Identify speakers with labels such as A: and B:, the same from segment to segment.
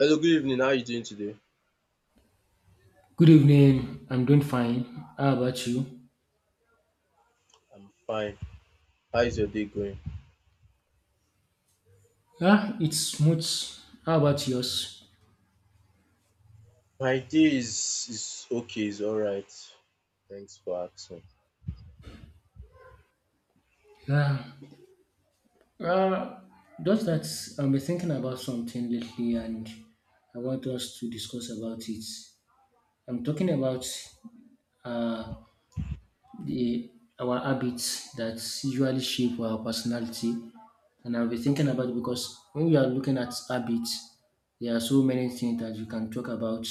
A: Hello, good evening. How are you doing today?
B: Good evening. I'm doing fine. How about you?
A: I'm fine. How is your day going?
B: Yeah, it's smooth. How about yours?
A: My day is okay, it's alright. Thanks for asking.
B: Yeah. Uh, just that I've been thinking about something lately, and I want us to discuss about it. I'm talking about uh, the our habits that usually shape our personality. And I'll be thinking about it because when we are looking at habits, there are so many things that you can talk about.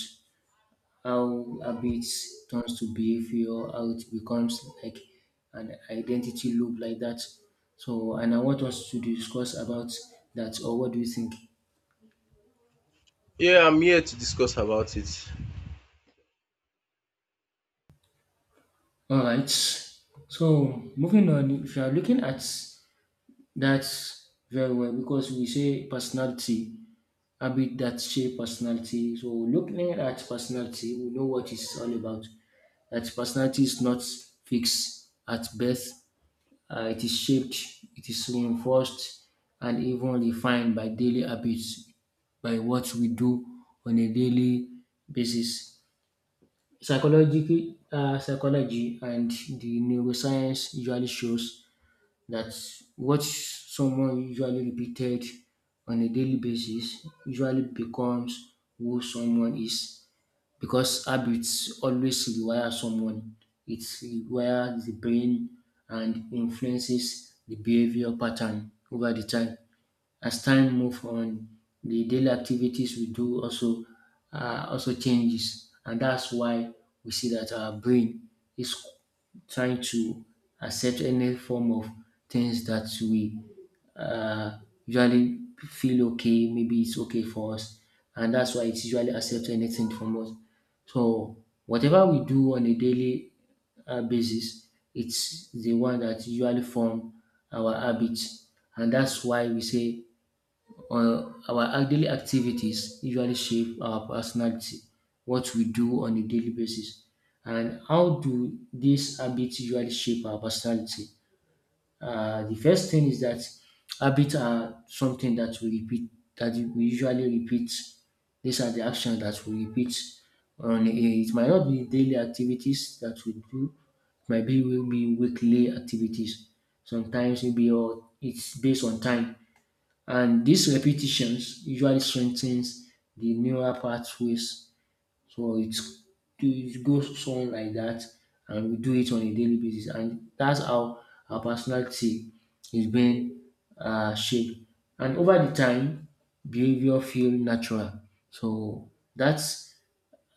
B: How habits turns to behavior, how it becomes like an identity loop like that. And I want us to discuss about that, or what do you think?
A: Yeah, I'm here to discuss about it.
B: All right. So, moving on, if you are looking at that very well, because we say personality, habit that shape personality. So, looking at personality, we know what it's all about. That personality is not fixed at birth. It is shaped, it is reinforced, and even refined by daily habits, by what we do on a daily basis. Psychology and the neuroscience usually shows that what someone usually repeated on a daily basis usually becomes who someone is, because habits always require someone. It requires the brain and influences the behavior pattern over the time. As time move on, the daily activities we do also also changes, and that's why we see that our brain is trying to accept any form of things that we uh, usually feel okay, maybe it's okay for us, and that's why it's usually accept anything from us. So whatever we do on a daily basis, it's the one that usually form our habits, and that's why we say or our daily activities usually shape our personality, what we do on a daily basis. And how do these habits usually shape our personality? The first thing is that habits are something that we repeat, that we usually repeat. These are the actions that we repeat. On a, it might not be daily activities that we do, it might be will be weekly activities. Sometimes maybe or it's based on time, and these repetitions usually strengthens the neural pathways. So it's, it goes on like that, and we do it on a daily basis. And that's how our personality is being shaped. And over the time, behavior feel natural. So that's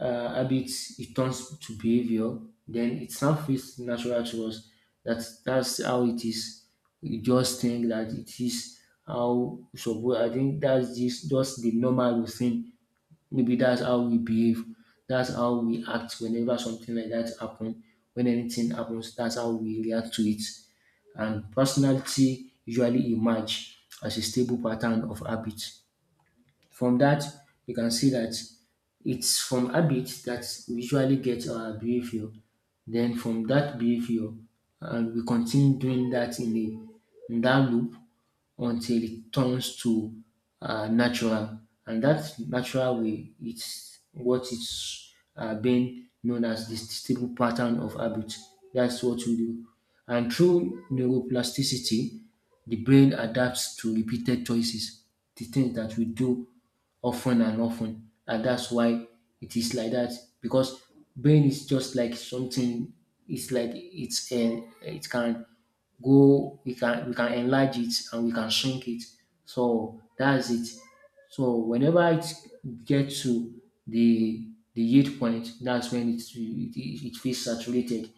B: habits, it turns to behavior, then it now feels natural to us. That's how it is. We just think that it is how. So I think that's just the normal routine. Maybe that's how we behave. That's how we act whenever something like that happens. When anything happens, that's how we react to it. And personality usually emerge as a stable pattern of habit. From that, you can see that it's from habit that we usually get our behavior. Then from that behavior, and we continue doing that in that loop until it turns to natural, and that natural way it's what is being known as the stable pattern of habit. That's what we do, and through neuroplasticity, the brain adapts to repeated choices, the things that we do often and often, and that's why it is like that. Because brain is just like something. It's like it's a. It can go. We can enlarge it and we can shrink it. So that's it. So whenever it gets to the the yield point, that's when it feels saturated.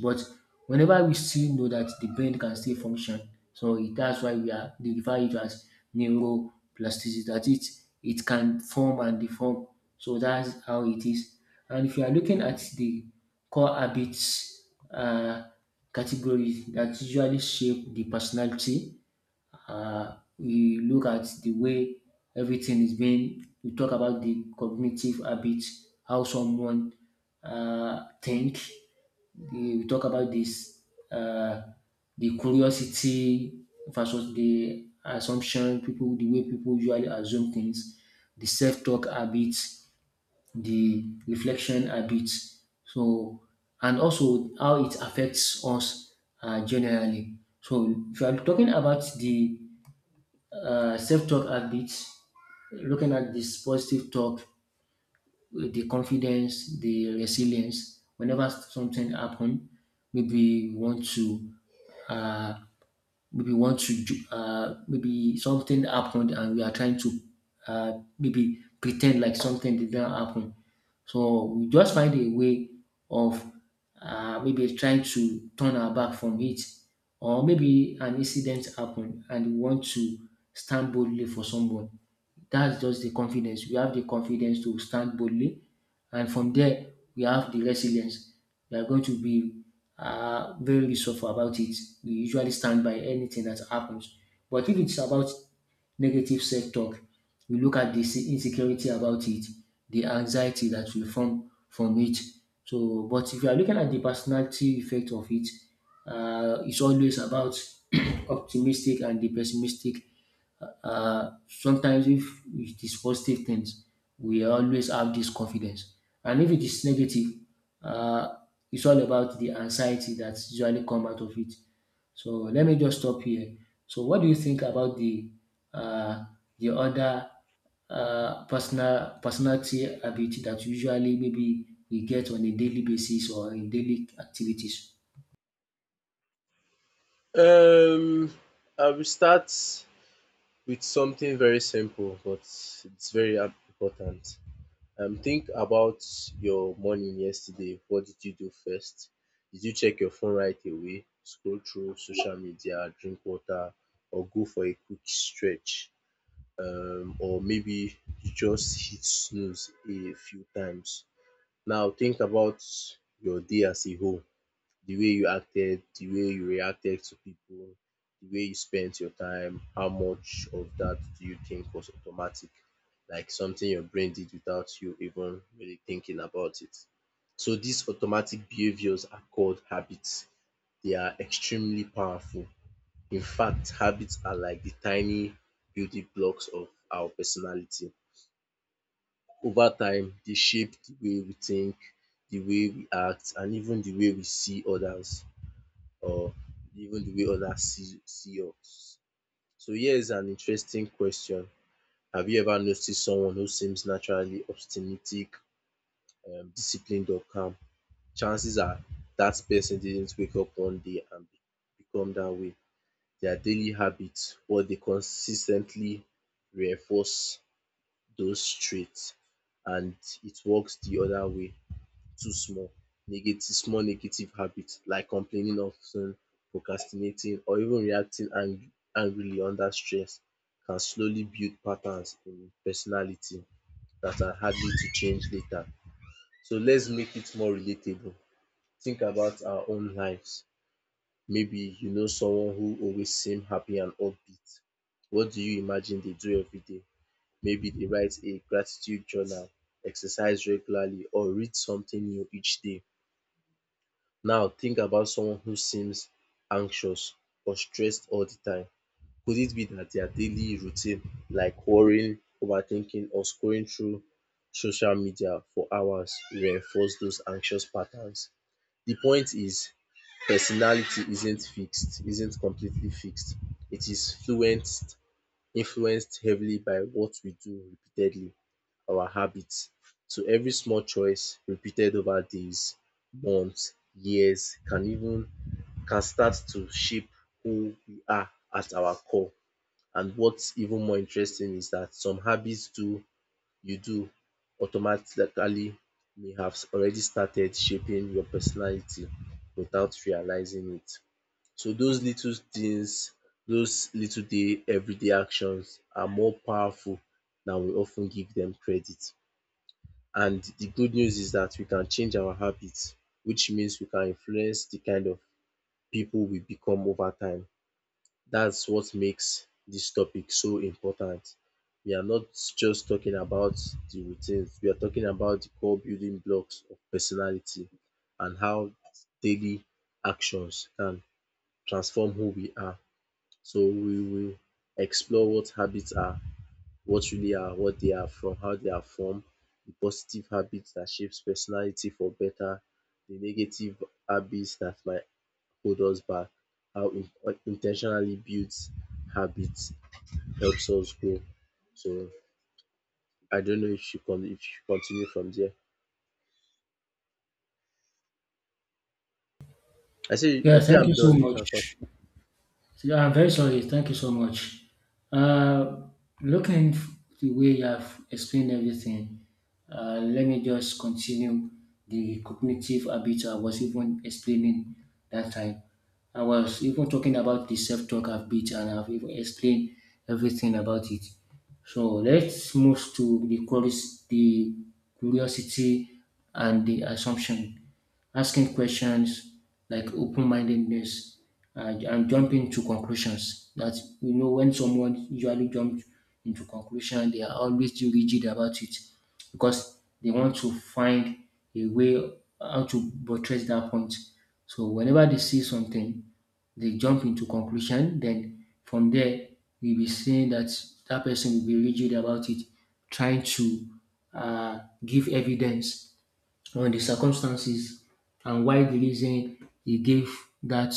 B: But whenever we still know that the brain can still function, so it, that's why we are they refer it as neuroplasticity, that it can form and deform. So that's how it is. And if you are looking at the core habits category that usually shape the personality, we look at the way everything is being. We talk about the cognitive habits, how someone think. We talk about this uh, the curiosity versus the assumption, people the way people usually assume things, the self-talk habits, the reflection habits. So and also how it affects us generally. So if you are talking about the self talk habits, looking at this positive talk, the confidence, the resilience. Whenever something happens, maybe you want to uh, maybe want to maybe something happened and we are trying to uh, maybe pretend like something did not happen. So we just find a way of maybe trying to turn our back from it, or maybe an incident happened and we want to stand boldly for someone. That's just the confidence. We have the confidence to stand boldly, and from there we have the resilience. We are going to be very resourceful about it. We usually stand by anything that happens. But if it's about negative self-talk, we look at the insecurity about it, the anxiety that will form from it. So, but if you are looking at the personality effect of it, it's always about optimistic and the pessimistic. Sometimes if it is positive things, we always have this confidence. And if it is negative, uh, it's all about the anxiety that usually come out of it. So let me just stop here. So what do you think about uh, the other personality ability that usually maybe we get on a daily basis or in daily activities?
A: Um I will start with something very simple but it's very important. Think about your morning yesterday. What did you do first? Did you check your phone right away? Scroll through social media, drink water, or go for a quick stretch? Or maybe you just hit snooze a few times. Now think about your day as a whole, the way you acted, the way you reacted to people, the way you spent your time. How much of that do you think was automatic, like something your brain did without you even really thinking about it? So these automatic behaviors are called habits. They are extremely powerful. In fact, habits are like the tiny building blocks of our personality. Over time, they shape the way we think, the way we act and even the way we see others, or even the way others see us. So here is an interesting question. Have you ever noticed someone who seems naturally obstinate, disciplined or calm? Chances are that person didn't wake up one day and become that way. Their daily habits, what they consistently reinforce those traits, and it works the other way. Too small. Negative small negative habit like complaining often, procrastinating or even reacting angry angrily under stress can slowly build patterns in personality that are hardly to change later. So let's make it more relatable. Think about our own lives. Maybe you know someone who always seem happy and upbeat. What do you imagine they do every day? Maybe they write a gratitude journal, exercise regularly or read something new each day. Now think about someone who seems anxious or stressed all the time. Could it be that their daily routine, like worrying, overthinking, or scrolling through social media for hours, reinforce those anxious patterns? The point is, personality isn't fixed, isn't completely fixed. It is influenced heavily by what we do repeatedly, our habits. So every small choice repeated over days, months, years can even can start to shape who we are at our core. And what's even more interesting is that some habits do you do automatically may have already started shaping your personality without realizing it. So those little things, those little day everyday actions are more powerful than we often give them credit. And the good news is that we can change our habits, which means we can influence the kind of people we become over time. That's what makes this topic so important. We are not just talking about the routines, we are talking about the core building blocks of personality and how daily actions can transform who we are. So we will explore what habits are, what really are, what they are from, how they are formed, the positive habits that shapes personality for better, the negative habits that might hold us back, how in like, intentionally built habits helps us grow. So I don't know if you con if you continue from there. I say
B: Yeah,
A: I say
B: thank
A: I'm
B: you so
A: done oh, you can con
B: much. So yeah, I'm very sorry. Thank you so much. Uh, looking f- the way you have explained everything, let me just continue the cognitive habits I was even explaining that time. I was even talking about the self-talk habit, and I've even explained everything about it. So let's move to the curiosity and the assumption, asking questions, like open mindedness and jumping to conclusions. That we know when someone usually jumps into conclusion, they are always too rigid about it because they want to find a way how to buttress that point. So whenever they see something, they jump into conclusion. Then from there, we'll be saying that that person will be rigid about it, trying to give evidence on the circumstances and why the reason he gave that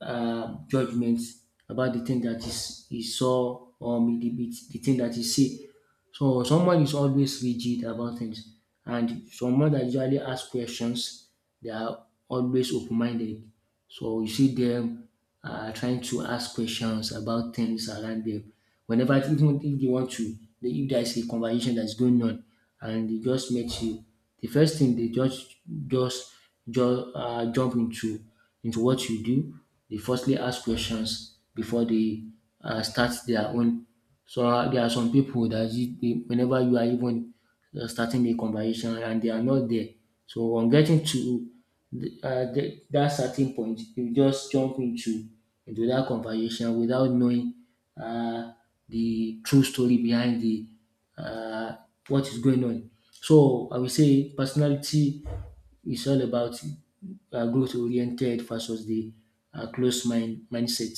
B: judgment about the thing that is he saw, or maybe the thing that he see. So someone is always rigid about things, and someone that usually asks questions, they are always open-minded. So you see them trying to ask questions about things around them. Whenever even if they want to, if there's a conversation that's going on and they just met you, the first thing they just just jump into what you do. They firstly ask questions before they start their own. So there are some people that whenever you are even starting a conversation and they are not there. So on getting to that certain point, you just jump into that conversation without knowing uh the true story behind the uh, what is going on. So I will say personality is all about growth oriented versus the closed mindset,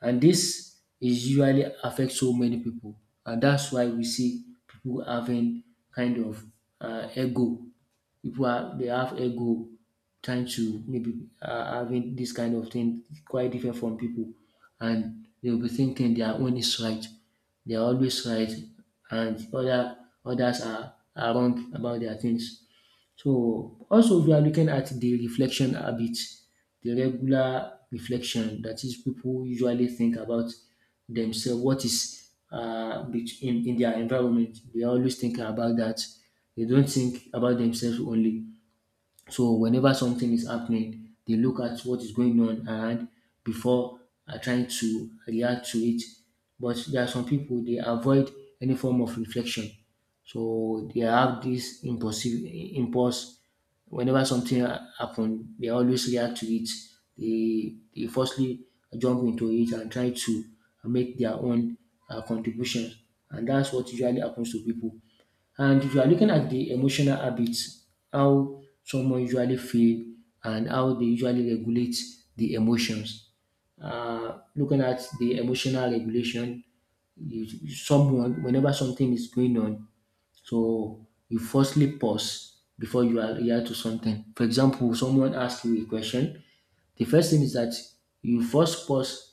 B: and this is usually affect so many people, and that's why we see people having kind of ego. People are they have ego, trying to maybe having this kind of thing quite different from people, and they'll be thinking their own is right. They are always right, and others are wrong about their things. So also if you are looking at the reflection habit, the regular reflection that is people usually think about themselves, what is in their environment. They always think about that. They don't think about themselves only. So whenever something is happening, they look at what is going on around before trying to react to it. But there are some people they avoid any form of reflection, so they have this impulsive impulse. Whenever something happens, they always react to it. They firstly jump into it and try to make their own contributions, and that's what usually happens to people. And if you are looking at the emotional habits, how someone usually feel and how they usually regulate the emotions. Looking at the emotional regulation, someone whenever something is going on, so you firstly pause before you are react to something. For example, someone asks you a question. The first thing is that you first pause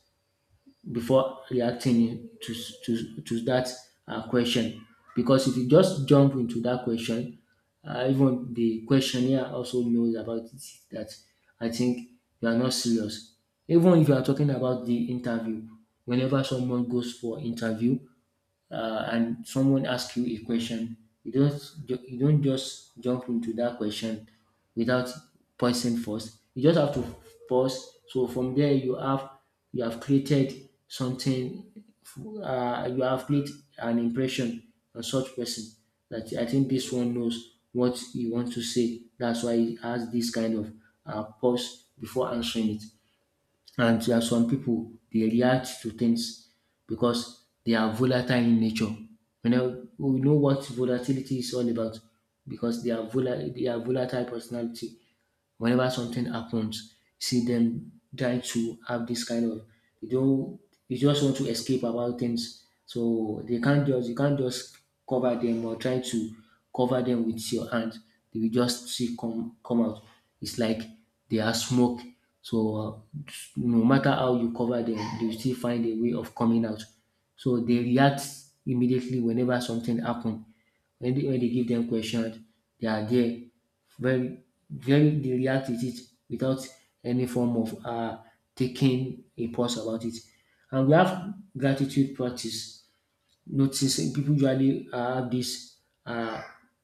B: before reacting to to that question, because if you just jump into that question, even the questionnaire also knows about it that I think you are not serious. Even if you are talking about the interview, whenever someone goes for interview, and someone asks you a question, you don't you don't just jump into that question without pausing first. You just have to pause. So from there, you have created something. You have created an impression on such person that I think this one knows what he wants to say. That's why he has this kind of pause before answering it. And there are some people they react to things because they are volatile in nature. You know, we know what volatility is all about because they are they are volatile personality. Whenever something happens, see them try to have this kind of they don't they just want to escape about things. So they can't just you can't just cover them or try to cover them with your hand. They will just see come out. It's like they are smoke. So no matter how you cover them, they will still find a way of coming out. So they react immediately whenever something happen. When they give them questions, they are there very very they react with it without any form of taking a pause about it. And we have gratitude practice. Notice people usually have this uh,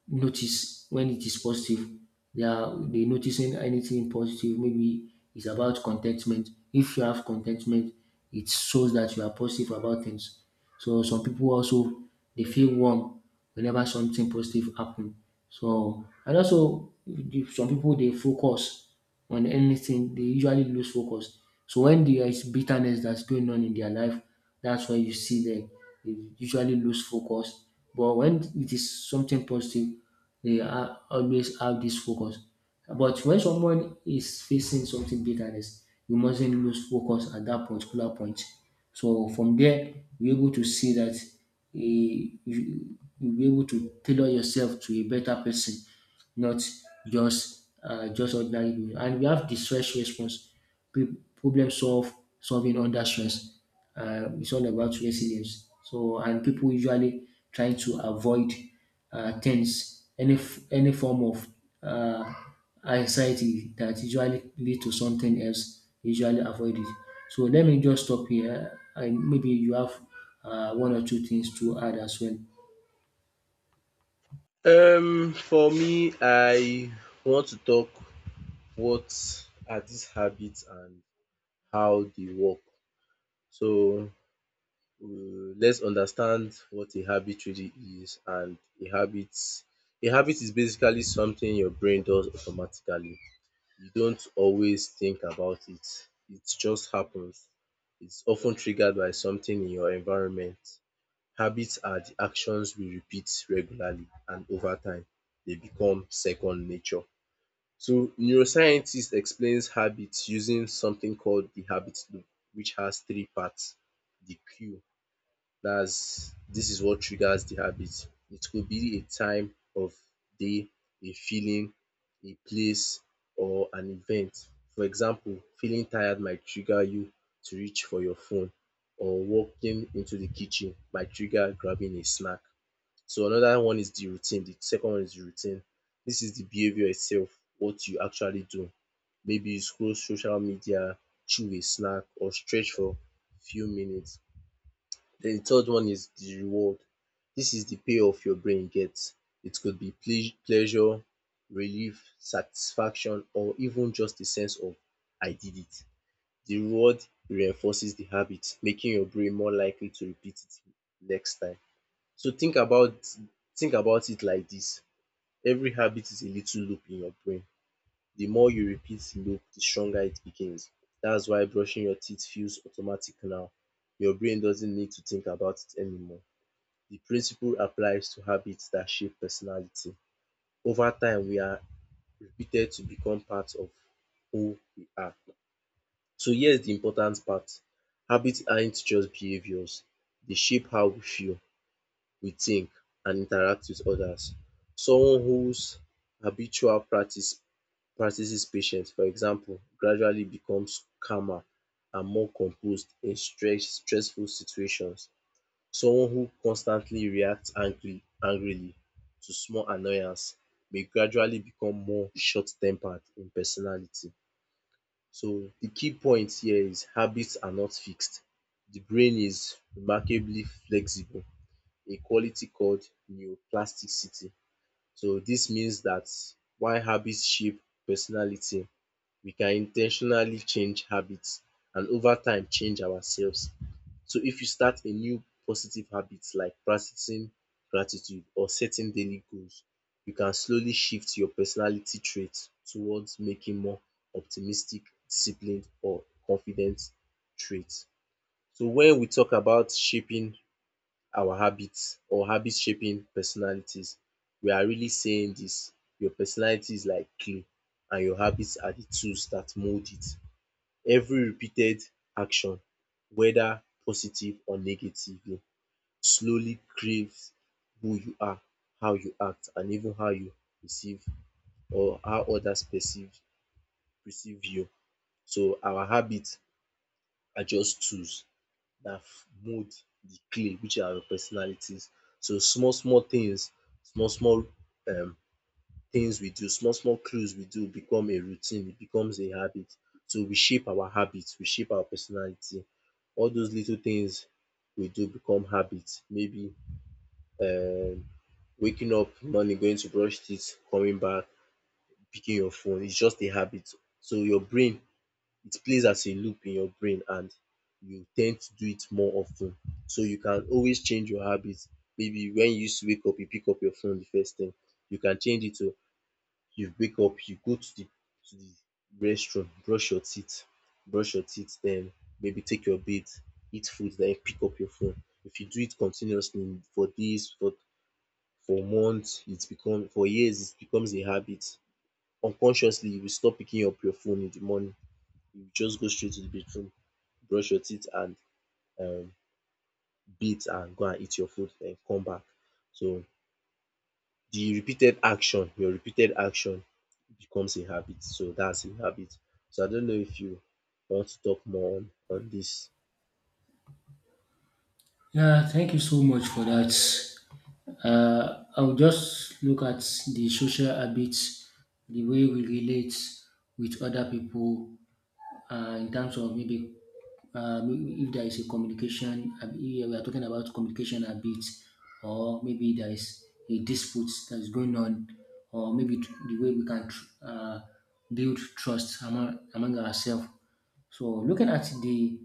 B: notice when it is positive they noticing anything positive maybe it's about contentment if you have contentment it shows that you are positive about things so some people also they feel warm whenever something positive happen so and also some people they focus on anything, they usually lose focus. So when there is bitterness that's going on in their life, that's why you see them they usually lose focus. But when it is something positive, they are always have this focus. But when someone is facing something bitterness, you mustn't lose focus at that particular point. So from there, you're able to see that you'll be able to tailor yourself to a better person not just just ordinary people. And we have the stress response, pe- problem solve solving under stress. It's all about resilience. So and people usually trying to avoid tense any form of uh, anxiety that usually lead to something else. Usually avoid it. So let me just stop here, and maybe you have one or two things to add as well.
A: for me I want to talk what are these habits and how they work. So let's understand what a habit really is. And a habit a habit is basically something your brain does automatically. You don't always think about it. It just happens. It's often triggered by something in your environment. Habits are the actions we repeat regularly and over time they become second nature. So neuroscientist explains habits using something called the habit loop which has three parts: the cue, that's this is what triggers the habit. It could be a time of day, a feeling, a place or an event. For example, feeling tired might trigger you to reach for your phone, or walking into the kitchen might trigger grabbing a snack. So another one is the routine. The second one is the routine. This is the behavior itself, what you actually do. Maybe you scroll social media, chew a snack or stretch for few minutes. Then the third one is the reward. This is the payoff your brain gets. It could be pleasure, relief, satisfaction or even just a sense of I did it. The reward reinforces the habit, making your brain more likely to repeat it next time. So think about it like this. Every habit is a little loop in your brain. The more you repeat the loop, the stronger it becomes. That's why brushing your teeth feels automatic now. Your brain doesn't need to think about it anymore. The principle applies to habits that shape personality. Over time, we are repeated to become part of who we are. So here's the important part. Habits aren't just behaviors. They shape how we feel, we think, and interact with others. Someone whose habitual practices patience, for example, gradually becomes calmer and more composed in stressful situations. Someone who constantly reacts angry angrily to small annoyance may gradually become more short-tempered in personality. So the key point here is habits are not fixed. The brain is remarkably flexible, a quality called neuroplasticity. So this means that while habits shape personality we can in ten tionally change habits and over time change ourselves. So if you start a new positive habit like practicing gratitude or setting daily goals, you can slowly shift your personality traits towards making more optimistic, disciplined or confident traits. So when we talk about shaping our habits or habits shaping personalities, we are really saying this: your personality is like clay and your habits are the tools that mold it. Every repeated action, whether positive or negative, slowly craves who you are, how you act and even how you perceive or how others perceive you. So our habits are just tools that mold the clay which are your personalities. So small small things, small small um things we do, small small clues we do become a routine, it becomes a habit. So we shape our habits, we shape our personality. All those little things we do become habits. Maybe um waking up morning, going to brush teeth, coming back, picking your phone, it's just a habit. So your brain, it plays as a loop in your brain and you tend to do it more often. So you can always change your habits. Maybe when you used to wake up, you pick up your phone the first thing. You can change it to you wake up, you go to the restroom, brush your teeth, then maybe take your bath, eat food, then pick up your phone. If you do it continuously for days, for months, it's become for years, it becomes a habit. Unconsciously, you will stop picking up your phone in the morning. You just go straight to the bathroom, brush your teeth and um, bathe and go and eat your food, then come back. So your repeated action becomes a habit. So that's a habit. So I don't know if you want to talk more on this.
B: Yeah, thank you so much for that. I'll just look at the social habits, the way we relate with other people, in terms of maybe if there is a communication, yeah, we are talking about communication habits, or maybe there is a dispute that is going on, or maybe the way we can build trust among ourselves. So looking at the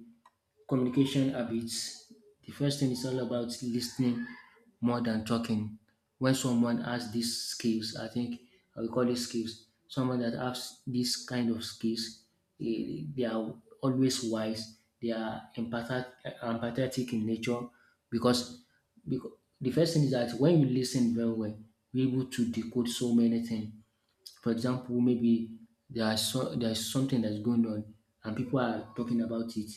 B: communication habits. The first thing is all about listening more than talking. When someone has these skills, I think I will call it skills. Someone that has this kind of skills, they are always wise. They are empathetic in nature because, because the first thing is that when you listen very well, you're able to decode so many things. For example, maybe there is something that's going on and people are talking about it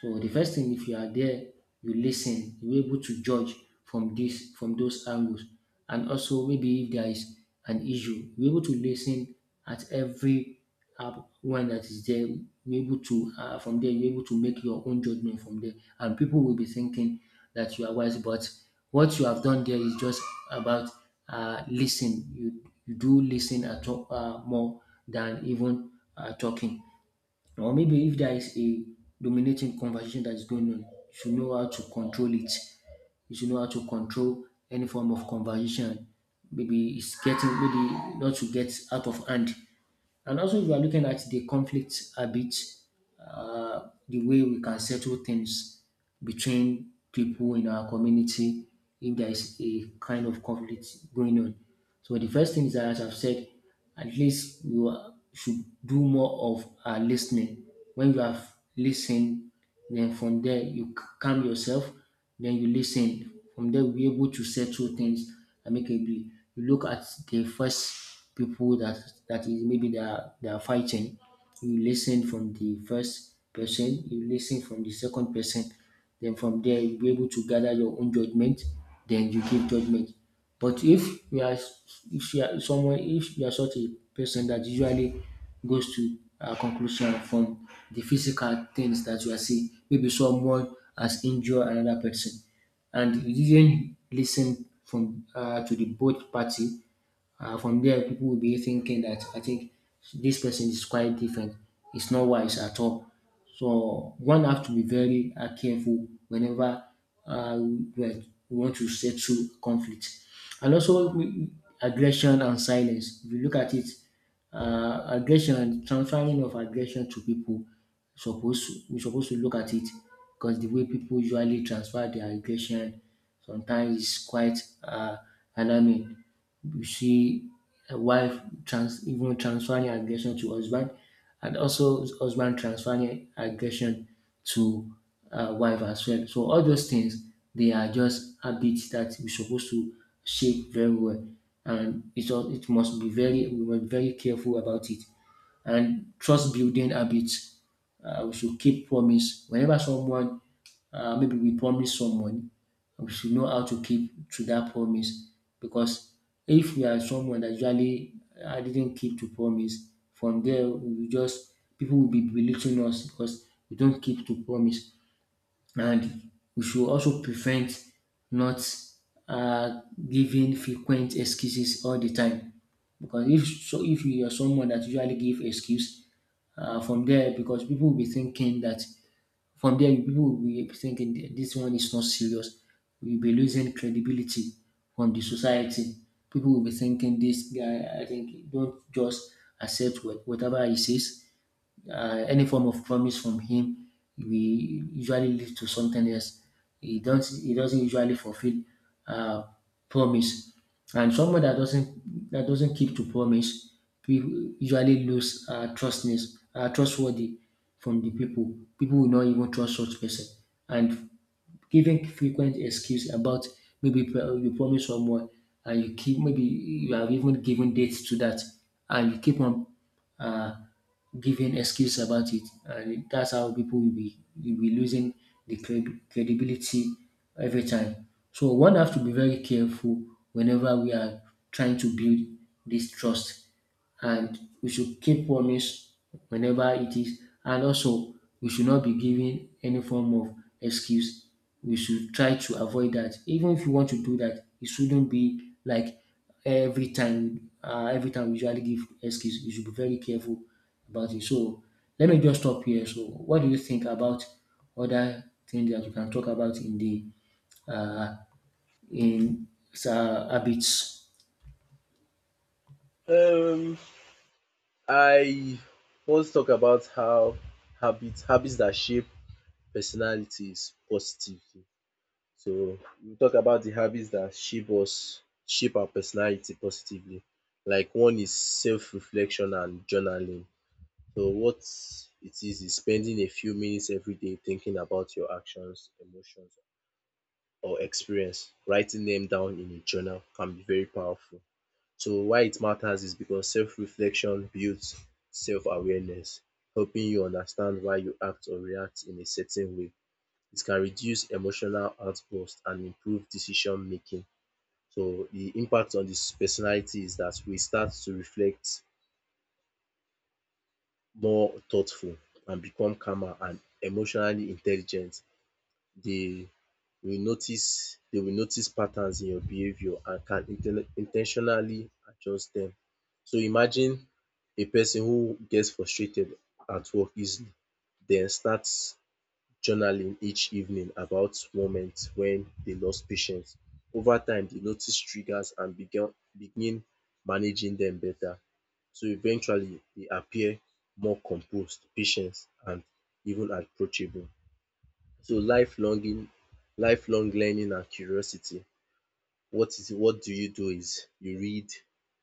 B: so the first thing, if you are there, you listen, you're able to judge from those angles, and also maybe if there is an issue, you're able to listen at every one that is there. You're able to from there, you're able to make your own judgment from there, and people will be thinking that you are wise, but what you have done there is just about listen. You do listen at all, more than even talking or maybe if there is a dominating conversation that is going on, you should know how to control it. You should know how to control any form of conversation. Maybe it's getting maybe not to get out of hand. And also, if you are looking at the conflict habits, the way we can settle things between people in our community if there is a kind of conflict going on. So the first thing is that, as I've said, at least should do more of listening. When you have listened then from there, you calm yourself. Then you listen. From there, we'll be able to settle things amicably. You look at the first people that is maybe they are fighting. You listen from the first person. You listen from the second person. Then from there, you'll be able to gather your own judgment. Then you give judgment. But if you are someone if you are such a person that usually goes to a conclusion from the physical things that you are seeing, maybe someone has injured another person and you didn't listen from to the both party from there, people will be thinking that I think this person is quite different. It's not wise at all. So one have to be very careful whenever we want to settle conflict. And also aggression and silence. If you look at it, aggression, transferring of aggression to people we supposed to look at it because the way people usually transfer their aggression sometimes is quite uh, alarming. You see a wife trans even transferring aggression to husband and also husband transferring aggression to wife as well. So all those things they are just habits that we're supposed to shape very well, and it must be very we must be very careful about it and trust building habits. We should keep promise. Maybe we promise someone, we should know how to keep to that promise. Because if we are someone that usually didn't keep to promise, from there we will just people will be belittling us because we don't keep to promise and we should also prevent not um giving frequent excuses all the time because if you are someone that usually give excuse from there because people will be thinking that from there people will be thinking that this one is not serious we will be losing credibility from the society. People will be thinking this guy I think don't just accept whatever he says any form of promise from him we usually lead to something else. He doesn't usually fulfill uh, promise, and someone that doesn't keep to promise we usually lose trustness trustworthy from the people. People will not even trust such person, and giving frequent excuse about maybe you promise someone and you keep maybe you have even given dates to that and you keep on uh, giving excuse about it and that's how people will be losing the credibility every time. So one have to be very careful whenever we are trying to build this trust and we should keep promise whenever it is. And also, we should not be giving any form of excuse. We should try to avoid that. Even if you want to do that, it shouldn't be like every time. Every time we usually give excuse, you should be very careful about it. So let me just stop here. So, what do you think about other things that you can talk about in the uh, in habits?
A: Um, I want to talk about how habits that shape personality is positive. So we talk about the habits that shape us, shape our personality positively. Like one is self-reflection and journaling. So what it is spending a few minutes every day thinking about your actions, emotions, or experience. Writing them down in a journal can be very powerful. So why it matters is because self-reflection builds self-awareness, helping you understand why you act or react in a certain way. It can reduce emotional outburst and improve decision making. So the impact on this personality is that we start to reflect more thoughtful and become calmer and emotionally intelligent. They they will notice patterns in your behavior and can intentionally adjust them. So imagine a person who gets frustrated at work easily, then starts journaling each evening about moments when they lost patience. Over time, they noticed triggers and began begin managing them better. So eventually, they appear more composed, patient, and even approachable. So lifelong learning and curiosity. What do you do is you read,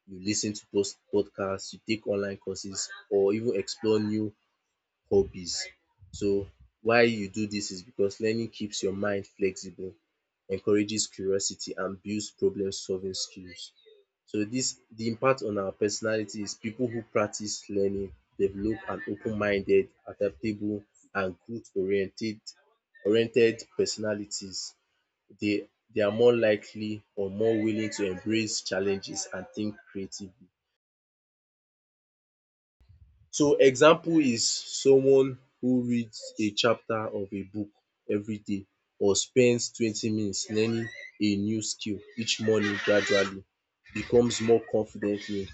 A: you lis ten to post podcasts, you take online courses or even explore new hobbies. So why you do this is because learning keeps your mind flexible, encourages curiosity and builds problem solving skills. So this the impact on our personality is pipu who practice learning develop an open minded, adaptable and growth oriented personalities. They they are more likely or more willing to embrace challenges and think creatively. So example is someone who reads a chapter of a book every day or spends 20 minutes learning a new skill each morning gradually becomes more confident in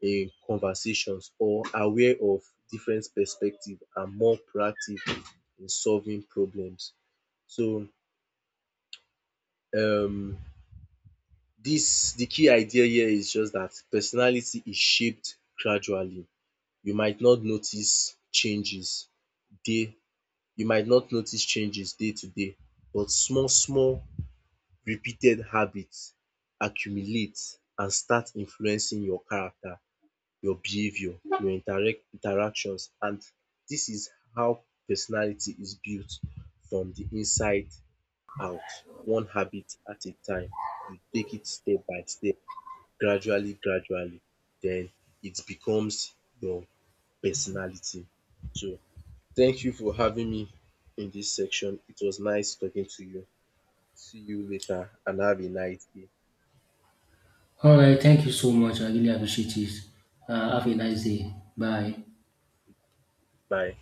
A: conversations or aware of different perspective and more proactive in solving problems. So um dis de key idea here is just that personality is shaped gradually. You might not notice changes day. You might not notice changes day to day, but small small repeated habits accumulate and start influencing your character, your behavior, your interactions. And this is how personality is built from the inside out, one habit at a time. You take it step by step, gradually gradually, then it becomes your personality. So thank you for having me in this section. It was nice talking to you. See you later and have a nice day.
B: All right. Thank you so much. I really appreciate it. Have a nice day. Bye.
A: Bye.